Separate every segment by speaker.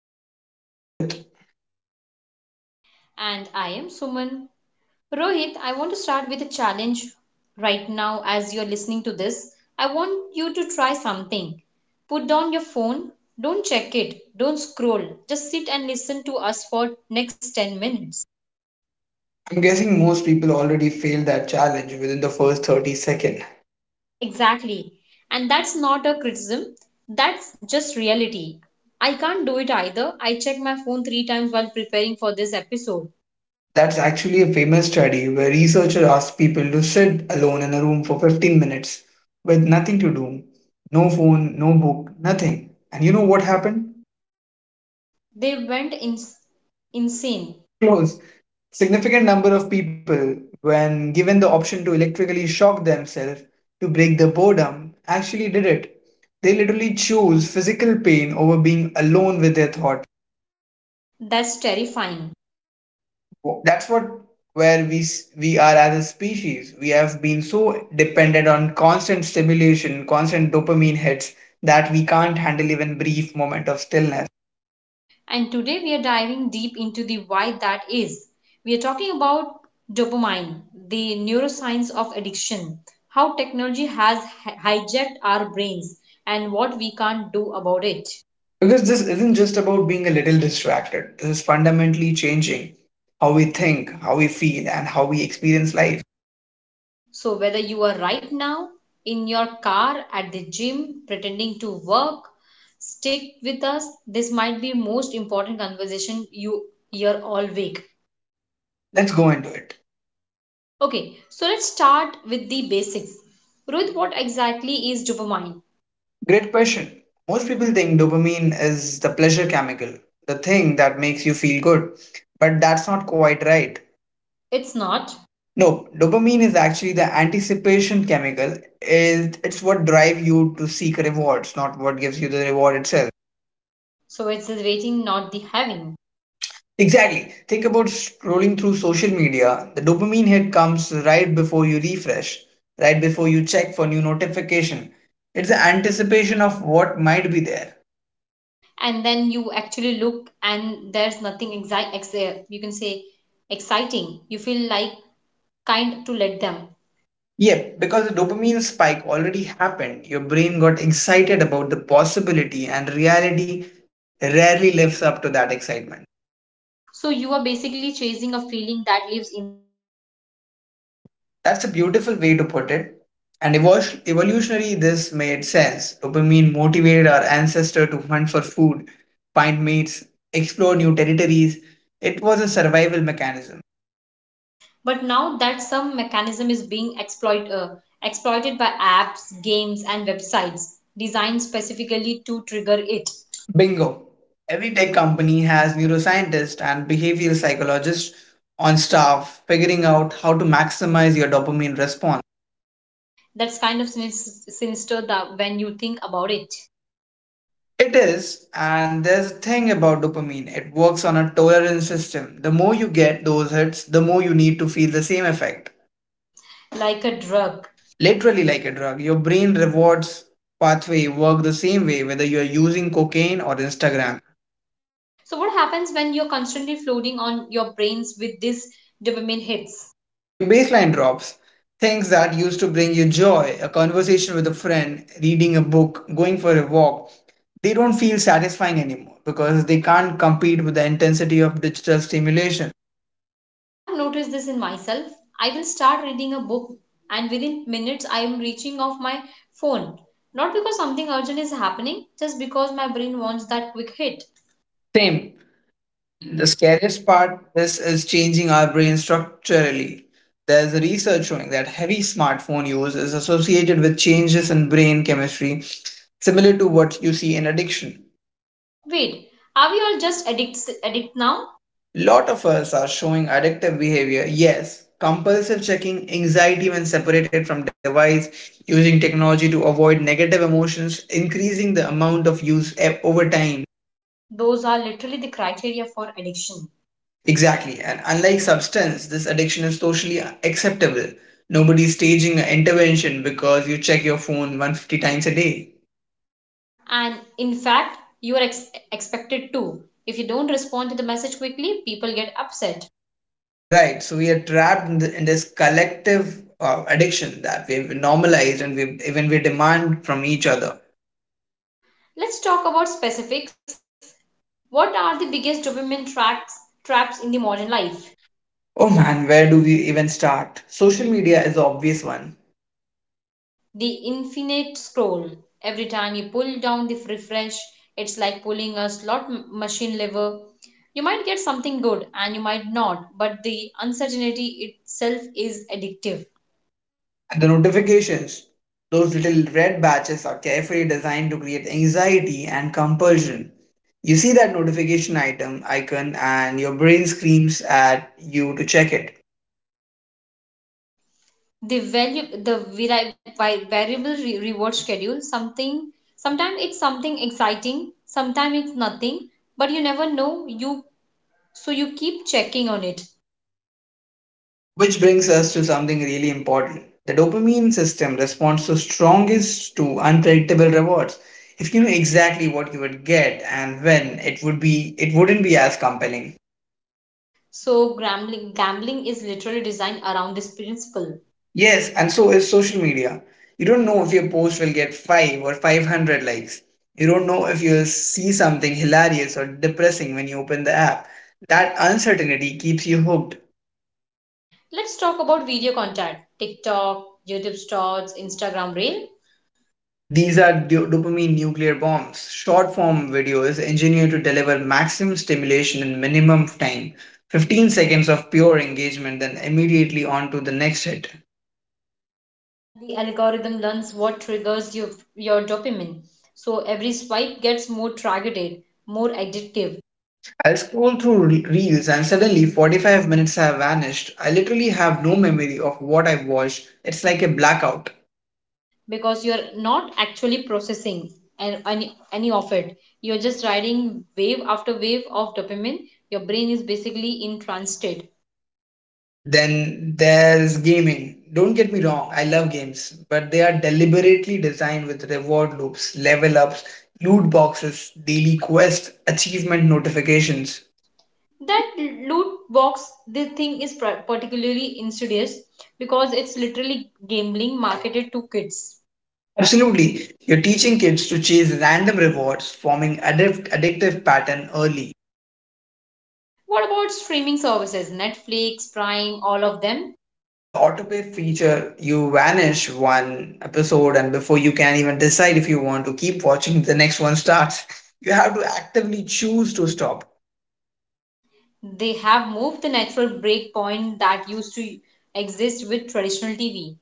Speaker 1: I'm your host Rohit.
Speaker 2: And I am Suman. Rohit, I want to start with a challenge right now as you're listening to this. I want you to try something. Put down your phone, don't check it, don't scroll, just sit and listen to us for next 10 minutes.
Speaker 1: I'm guessing most people already failed that challenge within the first 30 seconds.
Speaker 2: Exactly. And that's not a criticism, that's just reality. I can't do it either. I checked my phone three times while preparing for this episode.
Speaker 1: That's actually a famous study where researchers asked people to sit alone in a room for 15 minutes with nothing to do. No phone, no book, nothing. And you know what happened?
Speaker 2: They went insane.
Speaker 1: Close. Significant number of people, when given the option to electrically shock themselves to break the boredom, actually did it. They literally choose physical pain over being alone with their thought.
Speaker 2: That's terrifying.
Speaker 1: That's what where we s- We are as a species. We have been so dependent on constant stimulation, constant dopamine hits that we can't handle even brief moment of stillness.
Speaker 2: And today we are diving deep into the why that is. We are talking about dopamine, the neuroscience of addiction, how technology has hijacked our brains, and what we can't do about it.
Speaker 1: Because this isn't just about being a little distracted. This is fundamentally changing how we think, how we feel, and how we experience life.
Speaker 2: So, whether you are right now in your car, at the gym, pretending to work, stick with us. This might be most important conversation you hear all week.
Speaker 1: Let's go into it.
Speaker 2: Okay, so let's start with the basics. Ruth, what exactly is dopamine?
Speaker 1: Great question. Most people think dopamine is the pleasure chemical, the thing that makes you feel good. But that's not quite right.
Speaker 2: It's not.
Speaker 1: No, dopamine is actually the anticipation chemical. It's what drives you to seek rewards, not what gives you the reward itself.
Speaker 2: So it's the waiting, not the having.
Speaker 1: Exactly. Think about scrolling through social media. The dopamine hit comes right before you refresh, right before you check for new notification. It's the anticipation of what might be there.
Speaker 2: And then you actually look, and there's nothing you can say exciting. You feel like kind to let them.
Speaker 1: Yep, because the dopamine spike already happened, your brain got excited about the possibility and reality rarely lives up to that excitement.
Speaker 2: So you are basically chasing a feeling that lives in.
Speaker 1: That's a beautiful way to put it. And evolutionary, this made sense. Dopamine motivated our ancestor to hunt for food, find mates, explore new territories. It was a survival mechanism.
Speaker 2: But now that some mechanism is being exploited by apps, games, and websites designed specifically to trigger it.
Speaker 1: Bingo. Every tech company has neuroscientists and behavioral psychologists on staff figuring out how to maximize your dopamine response.
Speaker 2: That's kind of sinister that when you think about it,
Speaker 1: It is, and there's a thing about dopamine. It works on a tolerance system. The more you get those hits, the more you need to feel the same effect.
Speaker 2: like a drug.
Speaker 1: Literally like a drug. Your brain rewards pathway work the same way whether you are using cocaine or Instagram.
Speaker 2: So, what happens when you're constantly flooding on your brains with these dopamine hits?
Speaker 1: Your baseline drops. Things that used to bring you joy, a conversation with a friend, reading a book, going for a walk, they don't feel satisfying anymore because they can't compete with the intensity of digital stimulation.
Speaker 2: I have noticed this in myself. I will start reading a book, and within minutes, I am reaching off my phone. Not because something urgent is happening, just because my brain wants that quick hit.
Speaker 1: Same. The scariest part this is changing our brain structurally. There's a research showing that heavy smartphone use is associated with changes in brain chemistry similar to what you see in addiction.
Speaker 2: Wait, are we all just addicts addict now?
Speaker 1: Lot of us are showing addictive behavior. Yes, compulsive checking, anxiety when separated from device, using technology to avoid negative emotions, increasing the amount of over time.
Speaker 2: Those are literally the criteria for addiction.
Speaker 1: Exactly. And unlike substance, this addiction is socially acceptable. Nobody's staging an intervention because you check your phone 150 times a day.
Speaker 2: And in fact, you are expected to. If you don't respond to the message quickly, people get upset.
Speaker 1: Right. So we are trapped in this collective addiction that we've normalized and we even we demand from each other.
Speaker 2: Let's talk about specifics. What are the biggest traps in the modern life?
Speaker 1: Oh man, where do we even start? Social media is the obvious one.
Speaker 2: The infinite scroll. Every time you pull down the refresh, it's like pulling a slot machine lever. You might get something good and you might not, but the uncertainty itself is addictive.
Speaker 1: And the notifications, those little red batches, are carefully designed to create anxiety and compulsion. You see that notification item icon, and your brain screams at you to check it.
Speaker 2: The reward schedule, something. Sometimes it's something exciting, sometimes it's nothing, but you never know. You so you keep checking on it.
Speaker 1: Which brings us to something really important. The dopamine system responds to strongest to unpredictable rewards. If you knew exactly what you would get and when, it wouldn't be as compelling.
Speaker 2: So, gambling is literally designed around this principle.
Speaker 1: Yes, and so is social media. You don't know if your post will get 5 or 500 likes. You don't know if you'll see something hilarious or depressing when you open the app. That uncertainty keeps you hooked.
Speaker 2: Let's talk about video content TikTok, YouTube Shorts, Instagram Reel.
Speaker 1: These are dopamine nuclear bombs. Short form video is engineered to deliver maximum stimulation in minimum time, 15 seconds of pure engagement, then immediately on to the next hit.
Speaker 2: And the algorithm learns what triggers your dopamine. So, every swipe gets more targeted, more addictive
Speaker 1: I'll scroll through reels and suddenly 45 minutes have vanished. I literally have no memory of what I've watched. It's like a blackout.
Speaker 2: because you're not actually processing any of it. You're just riding wave after wave of dopamine. Your brain is basically in trance.
Speaker 1: Then there's gaming. Don't get me wrong, I love games, but they are deliberately designed with reward loops, level ups, loot boxes, daily quests, achievement notifications.
Speaker 2: That loot box the thing is particularly insidious because it's literally gambling marketed to kids.
Speaker 1: Absolutely, you're teaching kids to chase random rewards, forming addictive pattern early.
Speaker 2: What about streaming services Netflix, Prime, all of them?
Speaker 1: The autopay feature, you vanish one episode and before you can even decide if you want to keep watching the next one starts. You have to actively choose to stop.
Speaker 2: They have moved the natural break point that used to exist with traditional TV.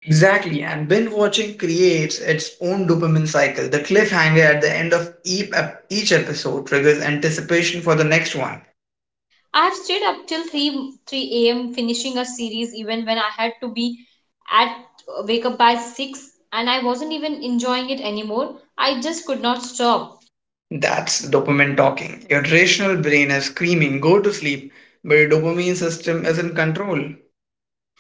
Speaker 1: Exactly. And binge watching creates its own dopamine cycle. The cliffhanger at the end of each episode triggers anticipation for the next one.
Speaker 2: I have stayed up till 3 a.m. finishing a series even when I had to be at wake up by 6, and I wasn't even enjoying it anymore. I just could not stop.
Speaker 1: That's dopamine talking. Your rational brain is screaming go to sleep, but your dopamine system is in control.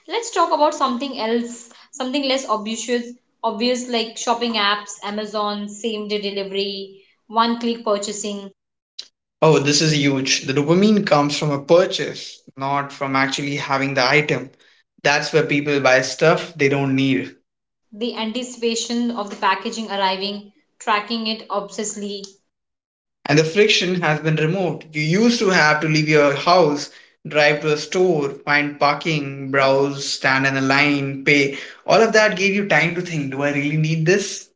Speaker 2: Let's talk about something else, something obvious like shopping apps, Amazon, same day delivery, one click purchasing,
Speaker 1: Oh, this is huge. The dopamine comes from a purchase, not from actually having the item. That's where people buy stuff they don't need.
Speaker 2: the anticipation of the packaging arriving, tracking it obsessively.
Speaker 1: And the friction has been removed. You used to have to leave your house, drive to a store, find parking, browse, stand in a line, pay. All of that gave you time to think, do I really need this?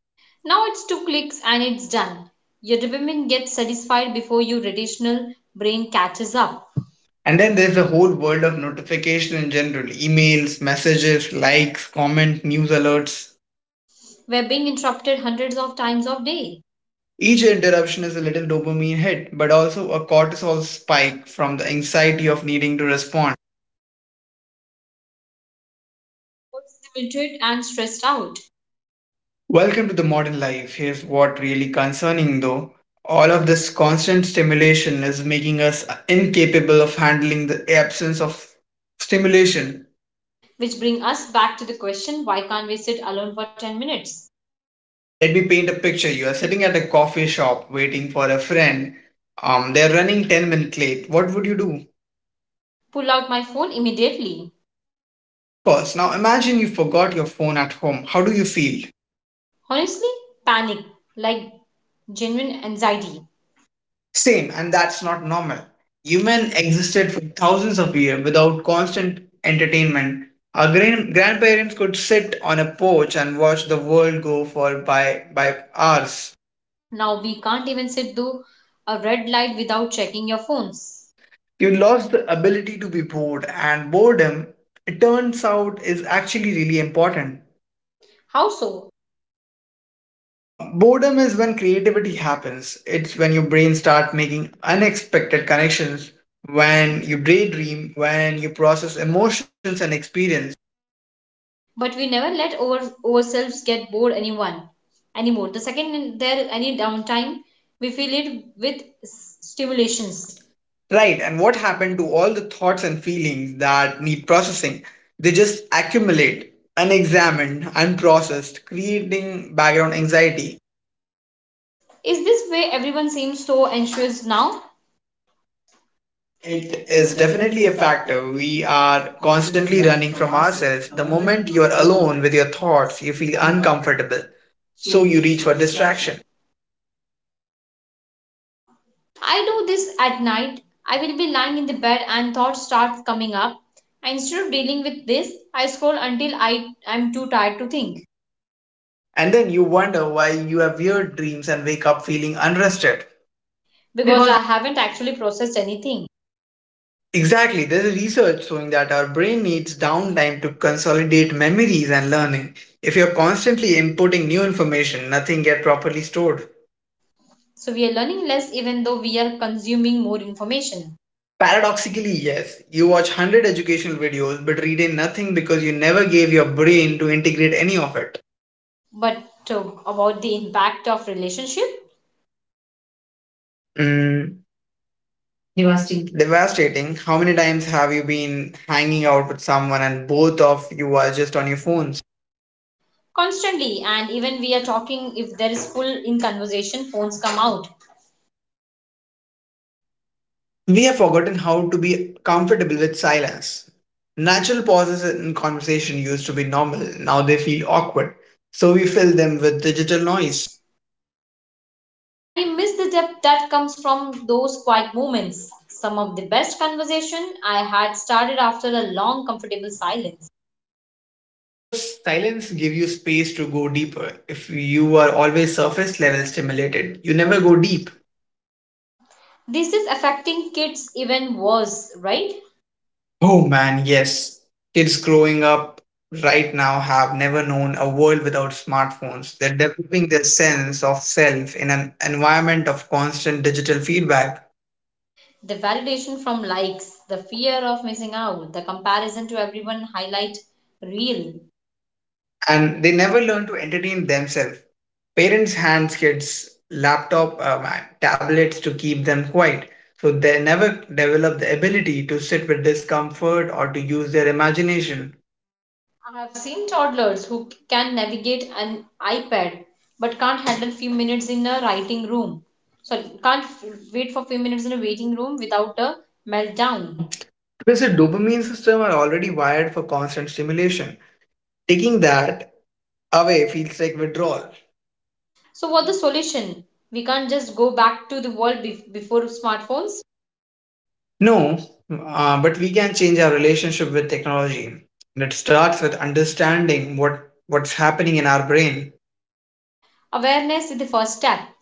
Speaker 2: Now it's two clicks and it's done. Your dopamine gets satisfied before your traditional brain catches up.
Speaker 1: And then there's the whole world of notification in general, emails, messages, likes, comment, news alerts.
Speaker 2: We're being interrupted hundreds of times a day,
Speaker 1: Each interruption is a little dopamine hit, but also a cortisol spike from the anxiety of needing to respond.
Speaker 2: limited and stressed out,
Speaker 1: Welcome to the modern life. Here's what really concerning though. All of this constant stimulation is making us incapable of handling the absence of stimulation.
Speaker 2: which bring us back to the question why can't we sit alone for 10 minutes?
Speaker 1: Let me paint a picture. You are sitting at a coffee shop waiting for a friend. They're running 10 minutes late. What would you do?
Speaker 2: Pull out my phone immediately.
Speaker 1: Of course, now imagine you forgot your phone at home. How do you feel?
Speaker 2: Honestly, panic, like genuine anxiety.
Speaker 1: Same, and that's not normal. Human existed for thousands of years without constant entertainment. Our grandparents could sit on a porch and watch the world go for by hours.
Speaker 2: Now we can't even sit through a red light without checking your phones.
Speaker 1: You lost the ability to be bored, and boredom, it turns out, is actually really important.
Speaker 2: How so?
Speaker 1: Boredom is when creativity happens. It's when your brain start making unexpected connections, when you daydream, when you process emotions and experience.
Speaker 2: But we never let ourselves get bored anyone anymore. The second there any downtime, we fill it with stimulations.
Speaker 1: Right, and what happened to all the thoughts and feelings that need processing? They just accumulate, unexamined, unprocessed, creating background anxiety.
Speaker 2: Is this way everyone seems so anxious now? It
Speaker 1: It is
Speaker 2: is definitely
Speaker 1: definitely
Speaker 2: a
Speaker 1: a
Speaker 2: factor.
Speaker 1: factor.
Speaker 2: We
Speaker 1: We
Speaker 2: are
Speaker 1: are constantly
Speaker 2: constantly running
Speaker 1: running
Speaker 2: from
Speaker 1: from
Speaker 2: ourselves.
Speaker 1: ourselves.
Speaker 2: The
Speaker 1: The
Speaker 2: moment
Speaker 1: moment
Speaker 2: you
Speaker 1: you
Speaker 2: are
Speaker 1: are
Speaker 2: alone
Speaker 1: alone
Speaker 2: with
Speaker 1: with
Speaker 2: your
Speaker 1: your
Speaker 2: thoughts,
Speaker 1: thoughts,
Speaker 2: you
Speaker 1: you feel
Speaker 2: feel uncomfortable.
Speaker 1: uncomfortable.
Speaker 2: So
Speaker 1: So
Speaker 2: you
Speaker 1: you
Speaker 2: reach
Speaker 1: reach
Speaker 2: for
Speaker 1: for
Speaker 2: distraction.
Speaker 1: distraction.
Speaker 2: I do this at night. I will be lying in the bed and thoughts start coming up. Instead of dealing with this, I scroll until I am too tired to think
Speaker 1: And then you wonder why you have weird dreams and wake up feeling unrested.
Speaker 2: because I haven't actually processed anything.
Speaker 1: Exactly, there's research showing that our brain needs downtime to consolidate memories and learning. If you're constantly inputting new information, nothing gets properly stored.
Speaker 2: So we are learning less even though we are consuming more information.
Speaker 1: Paradoxically, yes, you watch 100 educational videos but retain nothing because you never gave your brain to integrate any of it.
Speaker 2: But about the impact of relationship
Speaker 1: Mm, devastating. Devastating. How many times have you been hanging out with someone and both of you are just on your phones?
Speaker 2: constantly and even we are talking if there is full in conversation phones come out.
Speaker 1: We have forgotten how to be comfortable with silence. Natural pauses in conversation used to be normal, now they feel awkward, so we fill them with
Speaker 2: The
Speaker 1: digital noise.
Speaker 2: noise. And you miss the depth that comes from those quiet moments. Some of the best conversation I had started after a long, comfortable silence.
Speaker 1: Because silence gives you space to go deeper. If you are always surface level stimulated, you
Speaker 2: You never
Speaker 1: never
Speaker 2: go
Speaker 1: go
Speaker 2: deep.
Speaker 1: deep.
Speaker 2: This is affecting kids even worse, right?
Speaker 1: Oh man, yes. Kids growing up right now have never known a world without smartphones. They're developing their sense of self in an environment of constant digital feedback.
Speaker 2: The validation from likes, the fear of missing out, the comparison to everyone highlight reel.
Speaker 1: And they never learn to entertain themselves. Parents hands kids laptop, and tablets to keep them quiet, so they never develop the ability to sit with discomfort or to use their imagination.
Speaker 2: I have seen toddlers who can navigate an iPad but can't handle few minutes in a writing room. So can't f- wait for few minutes in a waiting room without a meltdown.
Speaker 1: Down. Because the dopamine system are already wired for constant stimulation. Taking that away feels like withdrawal.
Speaker 2: So, what the solution? We can't just go back to the world be before smartphones.
Speaker 1: No, but we can change our relationship with technology. And it starts with understanding what's happening in our brain.
Speaker 2: Awareness is the first step.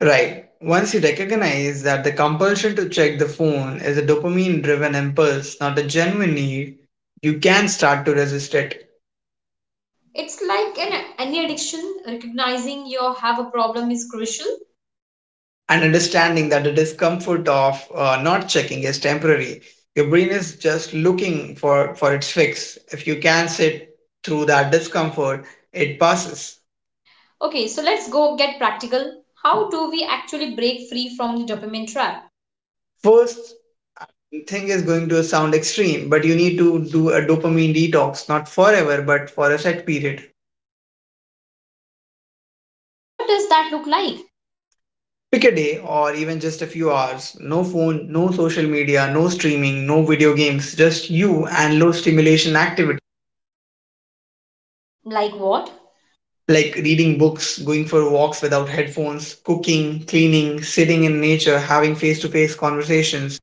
Speaker 1: Right. Once you recognize that the compulsion to check the phone is a dopamine driven impulse, not a genuine need, you can start to resist it.
Speaker 2: It's like any addiction, recognizing you have a problem is crucial.
Speaker 1: And understanding that the discomfort of not checking is temporary. Your brain is just looking for its fix. If you can sit through that discomfort, it passes.
Speaker 2: Okay, so let's go get practical. How do we actually break free from the dopamine trap?
Speaker 1: First thing is going to sound extreme, but you need to do a dopamine detox, not forever, but for a set period.
Speaker 2: What does that look like?
Speaker 1: Pick a day or even just a few hours. No phone, no social media, no streaming, no video games, just you and low stimulation activity
Speaker 2: Like what?
Speaker 1: like reading books, going for walks without headphones, cooking, cleaning, sitting in nature, having face to face conversations.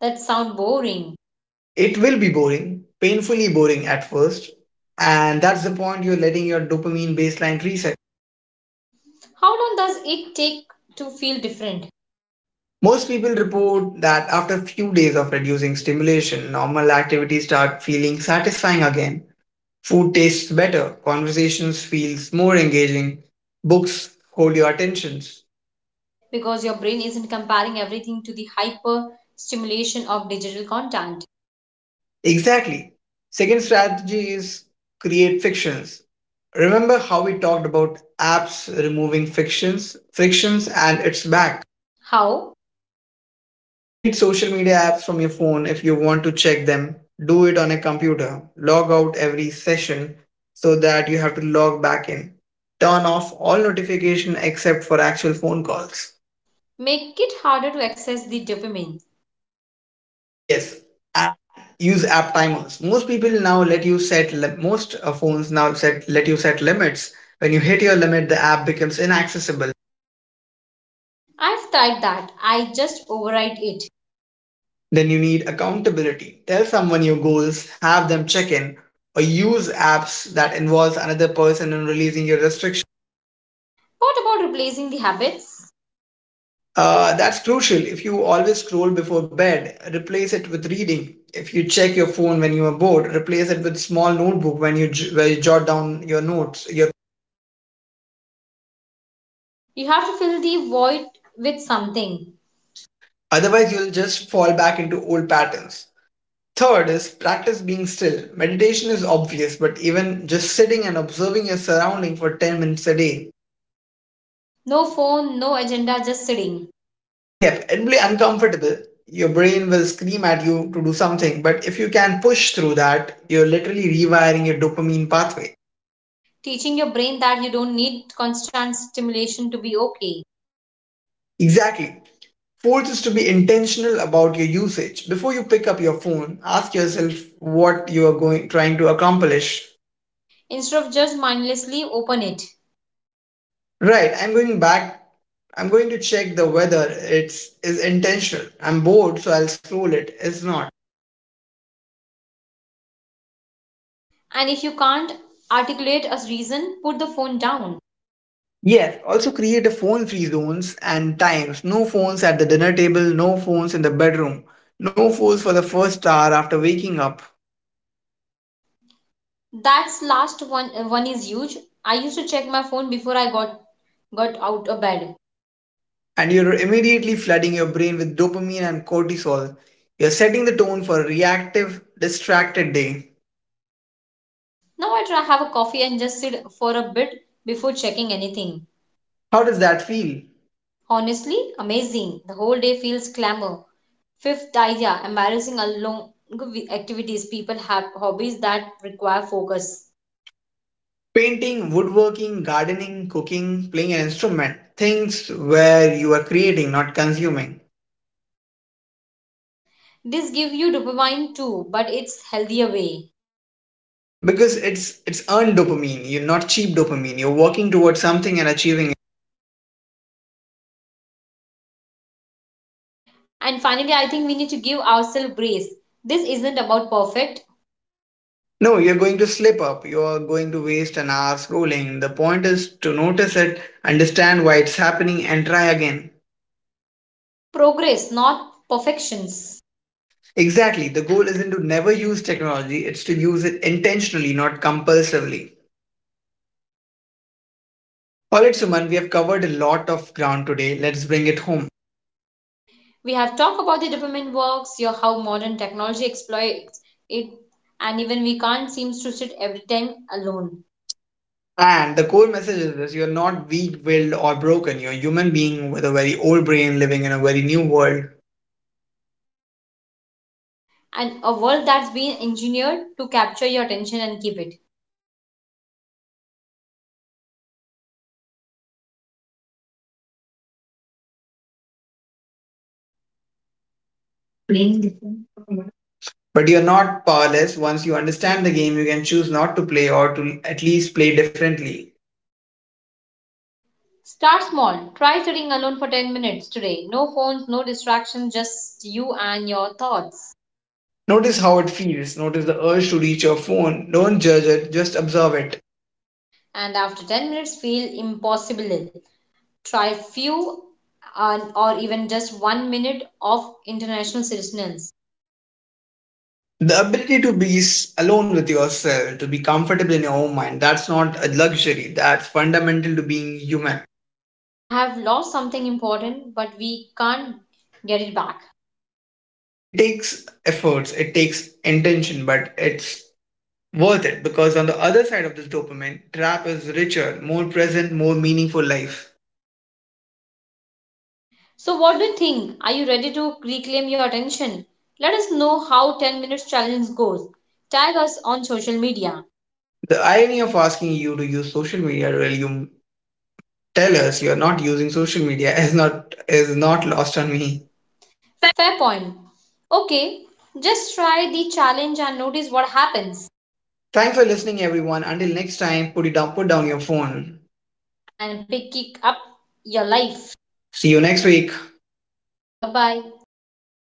Speaker 2: That sound boring.
Speaker 1: It will be boring, painfully boring at first. And that's the point, you're letting your dopamine baseline reset.
Speaker 2: How long does it take to feel different?
Speaker 1: Most people report that after a few days of reducing stimulation, normal activities start feeling satisfying again. Food tastes better, conversations feels more engaging, books hold your attentions.
Speaker 2: Because your brain isn't comparing everything to the hyper stimulation of digital content.
Speaker 1: Exactly. Second strategy is create fictions. Remember how we talked about apps removing fictions, frictions and it's back.
Speaker 2: How?
Speaker 1: Delete social media apps from your phone. If you want to check them, do it on a computer. Log out every session so that you have to log back in. Turn off all notification except for actual phone calls.
Speaker 2: Make it harder to access the dopamine.
Speaker 1: Yes, app, use app timers. Most people now let you set li- most phones now set let you set limits. When you hit your limit, the app becomes inaccessible.
Speaker 2: I've tried that. I just override it.
Speaker 1: Then you need accountability. Tell someone your goals, have them check in, or use apps that involves another person in releasing your restriction.
Speaker 2: What about replacing the habits?
Speaker 1: That's crucial. If you always scroll before bed, replace it with reading. If you check your phone when you are bored, replace it with small notebook when you where you jot down your notes, your.
Speaker 2: You have to fill the void with something.
Speaker 1: Otherwise, you'll just fall back into old patterns. Third is practice being still. Meditation is obvious, but even just sitting and observing your surrounding for 10 minutes a day.
Speaker 2: No phone, no agenda, just sitting.
Speaker 1: Yep, it'll be uncomfortable. Your brain will scream at you to do something, but if you can push through that, you're literally rewiring your dopamine pathway.
Speaker 2: Teaching your brain that you don't need constant stimulation to be okay.
Speaker 1: Exactly. Fourth is to be intentional about your usage. Before you pick up your phone, ask yourself what you are going trying to accomplish.
Speaker 2: Instead of just mindlessly open it.
Speaker 1: Right, I'm going back. I'm going to check the weather. It's is intentional. I'm bored, so I'll scroll it. It's not.
Speaker 2: And if you can't articulate a reason, put the phone down.
Speaker 1: Yes, also create a phone free zones and times. No phones at the dinner table, no phones in the bedroom, no phones for the first hour after waking up.
Speaker 2: That's last one is huge. I used to check my phone before I got out of bed.
Speaker 1: And you're immediately flooding your brain with dopamine and cortisol. You're setting the tone for a reactive, distracted day.
Speaker 2: Now I try have a coffee and just sit for a bit before checking anything.
Speaker 1: How does that feel?
Speaker 2: Honestly, amazing. The whole day feels clamor. Fifth idea, embarrassing along activities. People have hobbies that require focus.
Speaker 1: Painting, woodworking, gardening, cooking, playing an instrument, things where you are creating, not consuming.
Speaker 2: This gives you dopamine too, but it's healthier way.
Speaker 1: Because it's earned dopamine, you're not cheap dopamine. You're working towards something and achieving it.
Speaker 2: And finally, I think we need to give ourselves grace. This isn't about perfect
Speaker 1: No, you're going to slip up. You're going to waste an hour scrolling. The point is to notice it, understand why it's happening, and try again.
Speaker 2: progress, not perfections.
Speaker 1: Exactly. The goal isn't to never use technology, it's to use it intentionally, not compulsively. All right, Suman, we have covered a lot of ground today. Let's bring it home.
Speaker 2: We have talked about the dopamine works, your how modern technology exploits it, and even we can't seems to sit every time alone.
Speaker 1: And the core message is this, you're not weak willed or broken. You're a human being with a very old brain living in a very new world.
Speaker 2: And a world that's been engineered to capture your attention and keep it.
Speaker 1: Playing different. But you're not powerless. Once you understand the game, you can choose
Speaker 2: You
Speaker 1: not to play
Speaker 2: understand the
Speaker 1: or
Speaker 2: game
Speaker 1: to
Speaker 2: again.
Speaker 1: at least play differently.
Speaker 2: Start small. Try sitting alone for 10 minutes today. No phones, no distractions, just you and your thoughts.
Speaker 1: Notice how it feels. Notice the urge to reach your phone. Don't judge it, just observe it.
Speaker 2: And after 10 minutes, feel impossible. Try few and or even just one minute of international citizens.
Speaker 1: The ability to be alone with yourself, to be comfortable in your own mind, that's not a luxury. That's fundamental to being human.
Speaker 2: I have lost something important, but we can't get it back.
Speaker 1: It takes efforts, it takes intention, but it's worth it because on the other side of this dopamine trap is richer, more present, more meaningful life.
Speaker 2: So, what do you think? Are you ready to reclaim your attention? Let us know how 10 minutes challenge goes. Tag us on social media.
Speaker 1: The irony of asking you to use social media while you tell us you are not using social media is not lost on me.
Speaker 2: Fair point. Okay, just try the challenge and notice what happens
Speaker 1: Thanks for listening, everyone. Until next time, put down your phone.
Speaker 2: and pick it up your life.
Speaker 1: See you next week.
Speaker 2: Bye bye. Take care.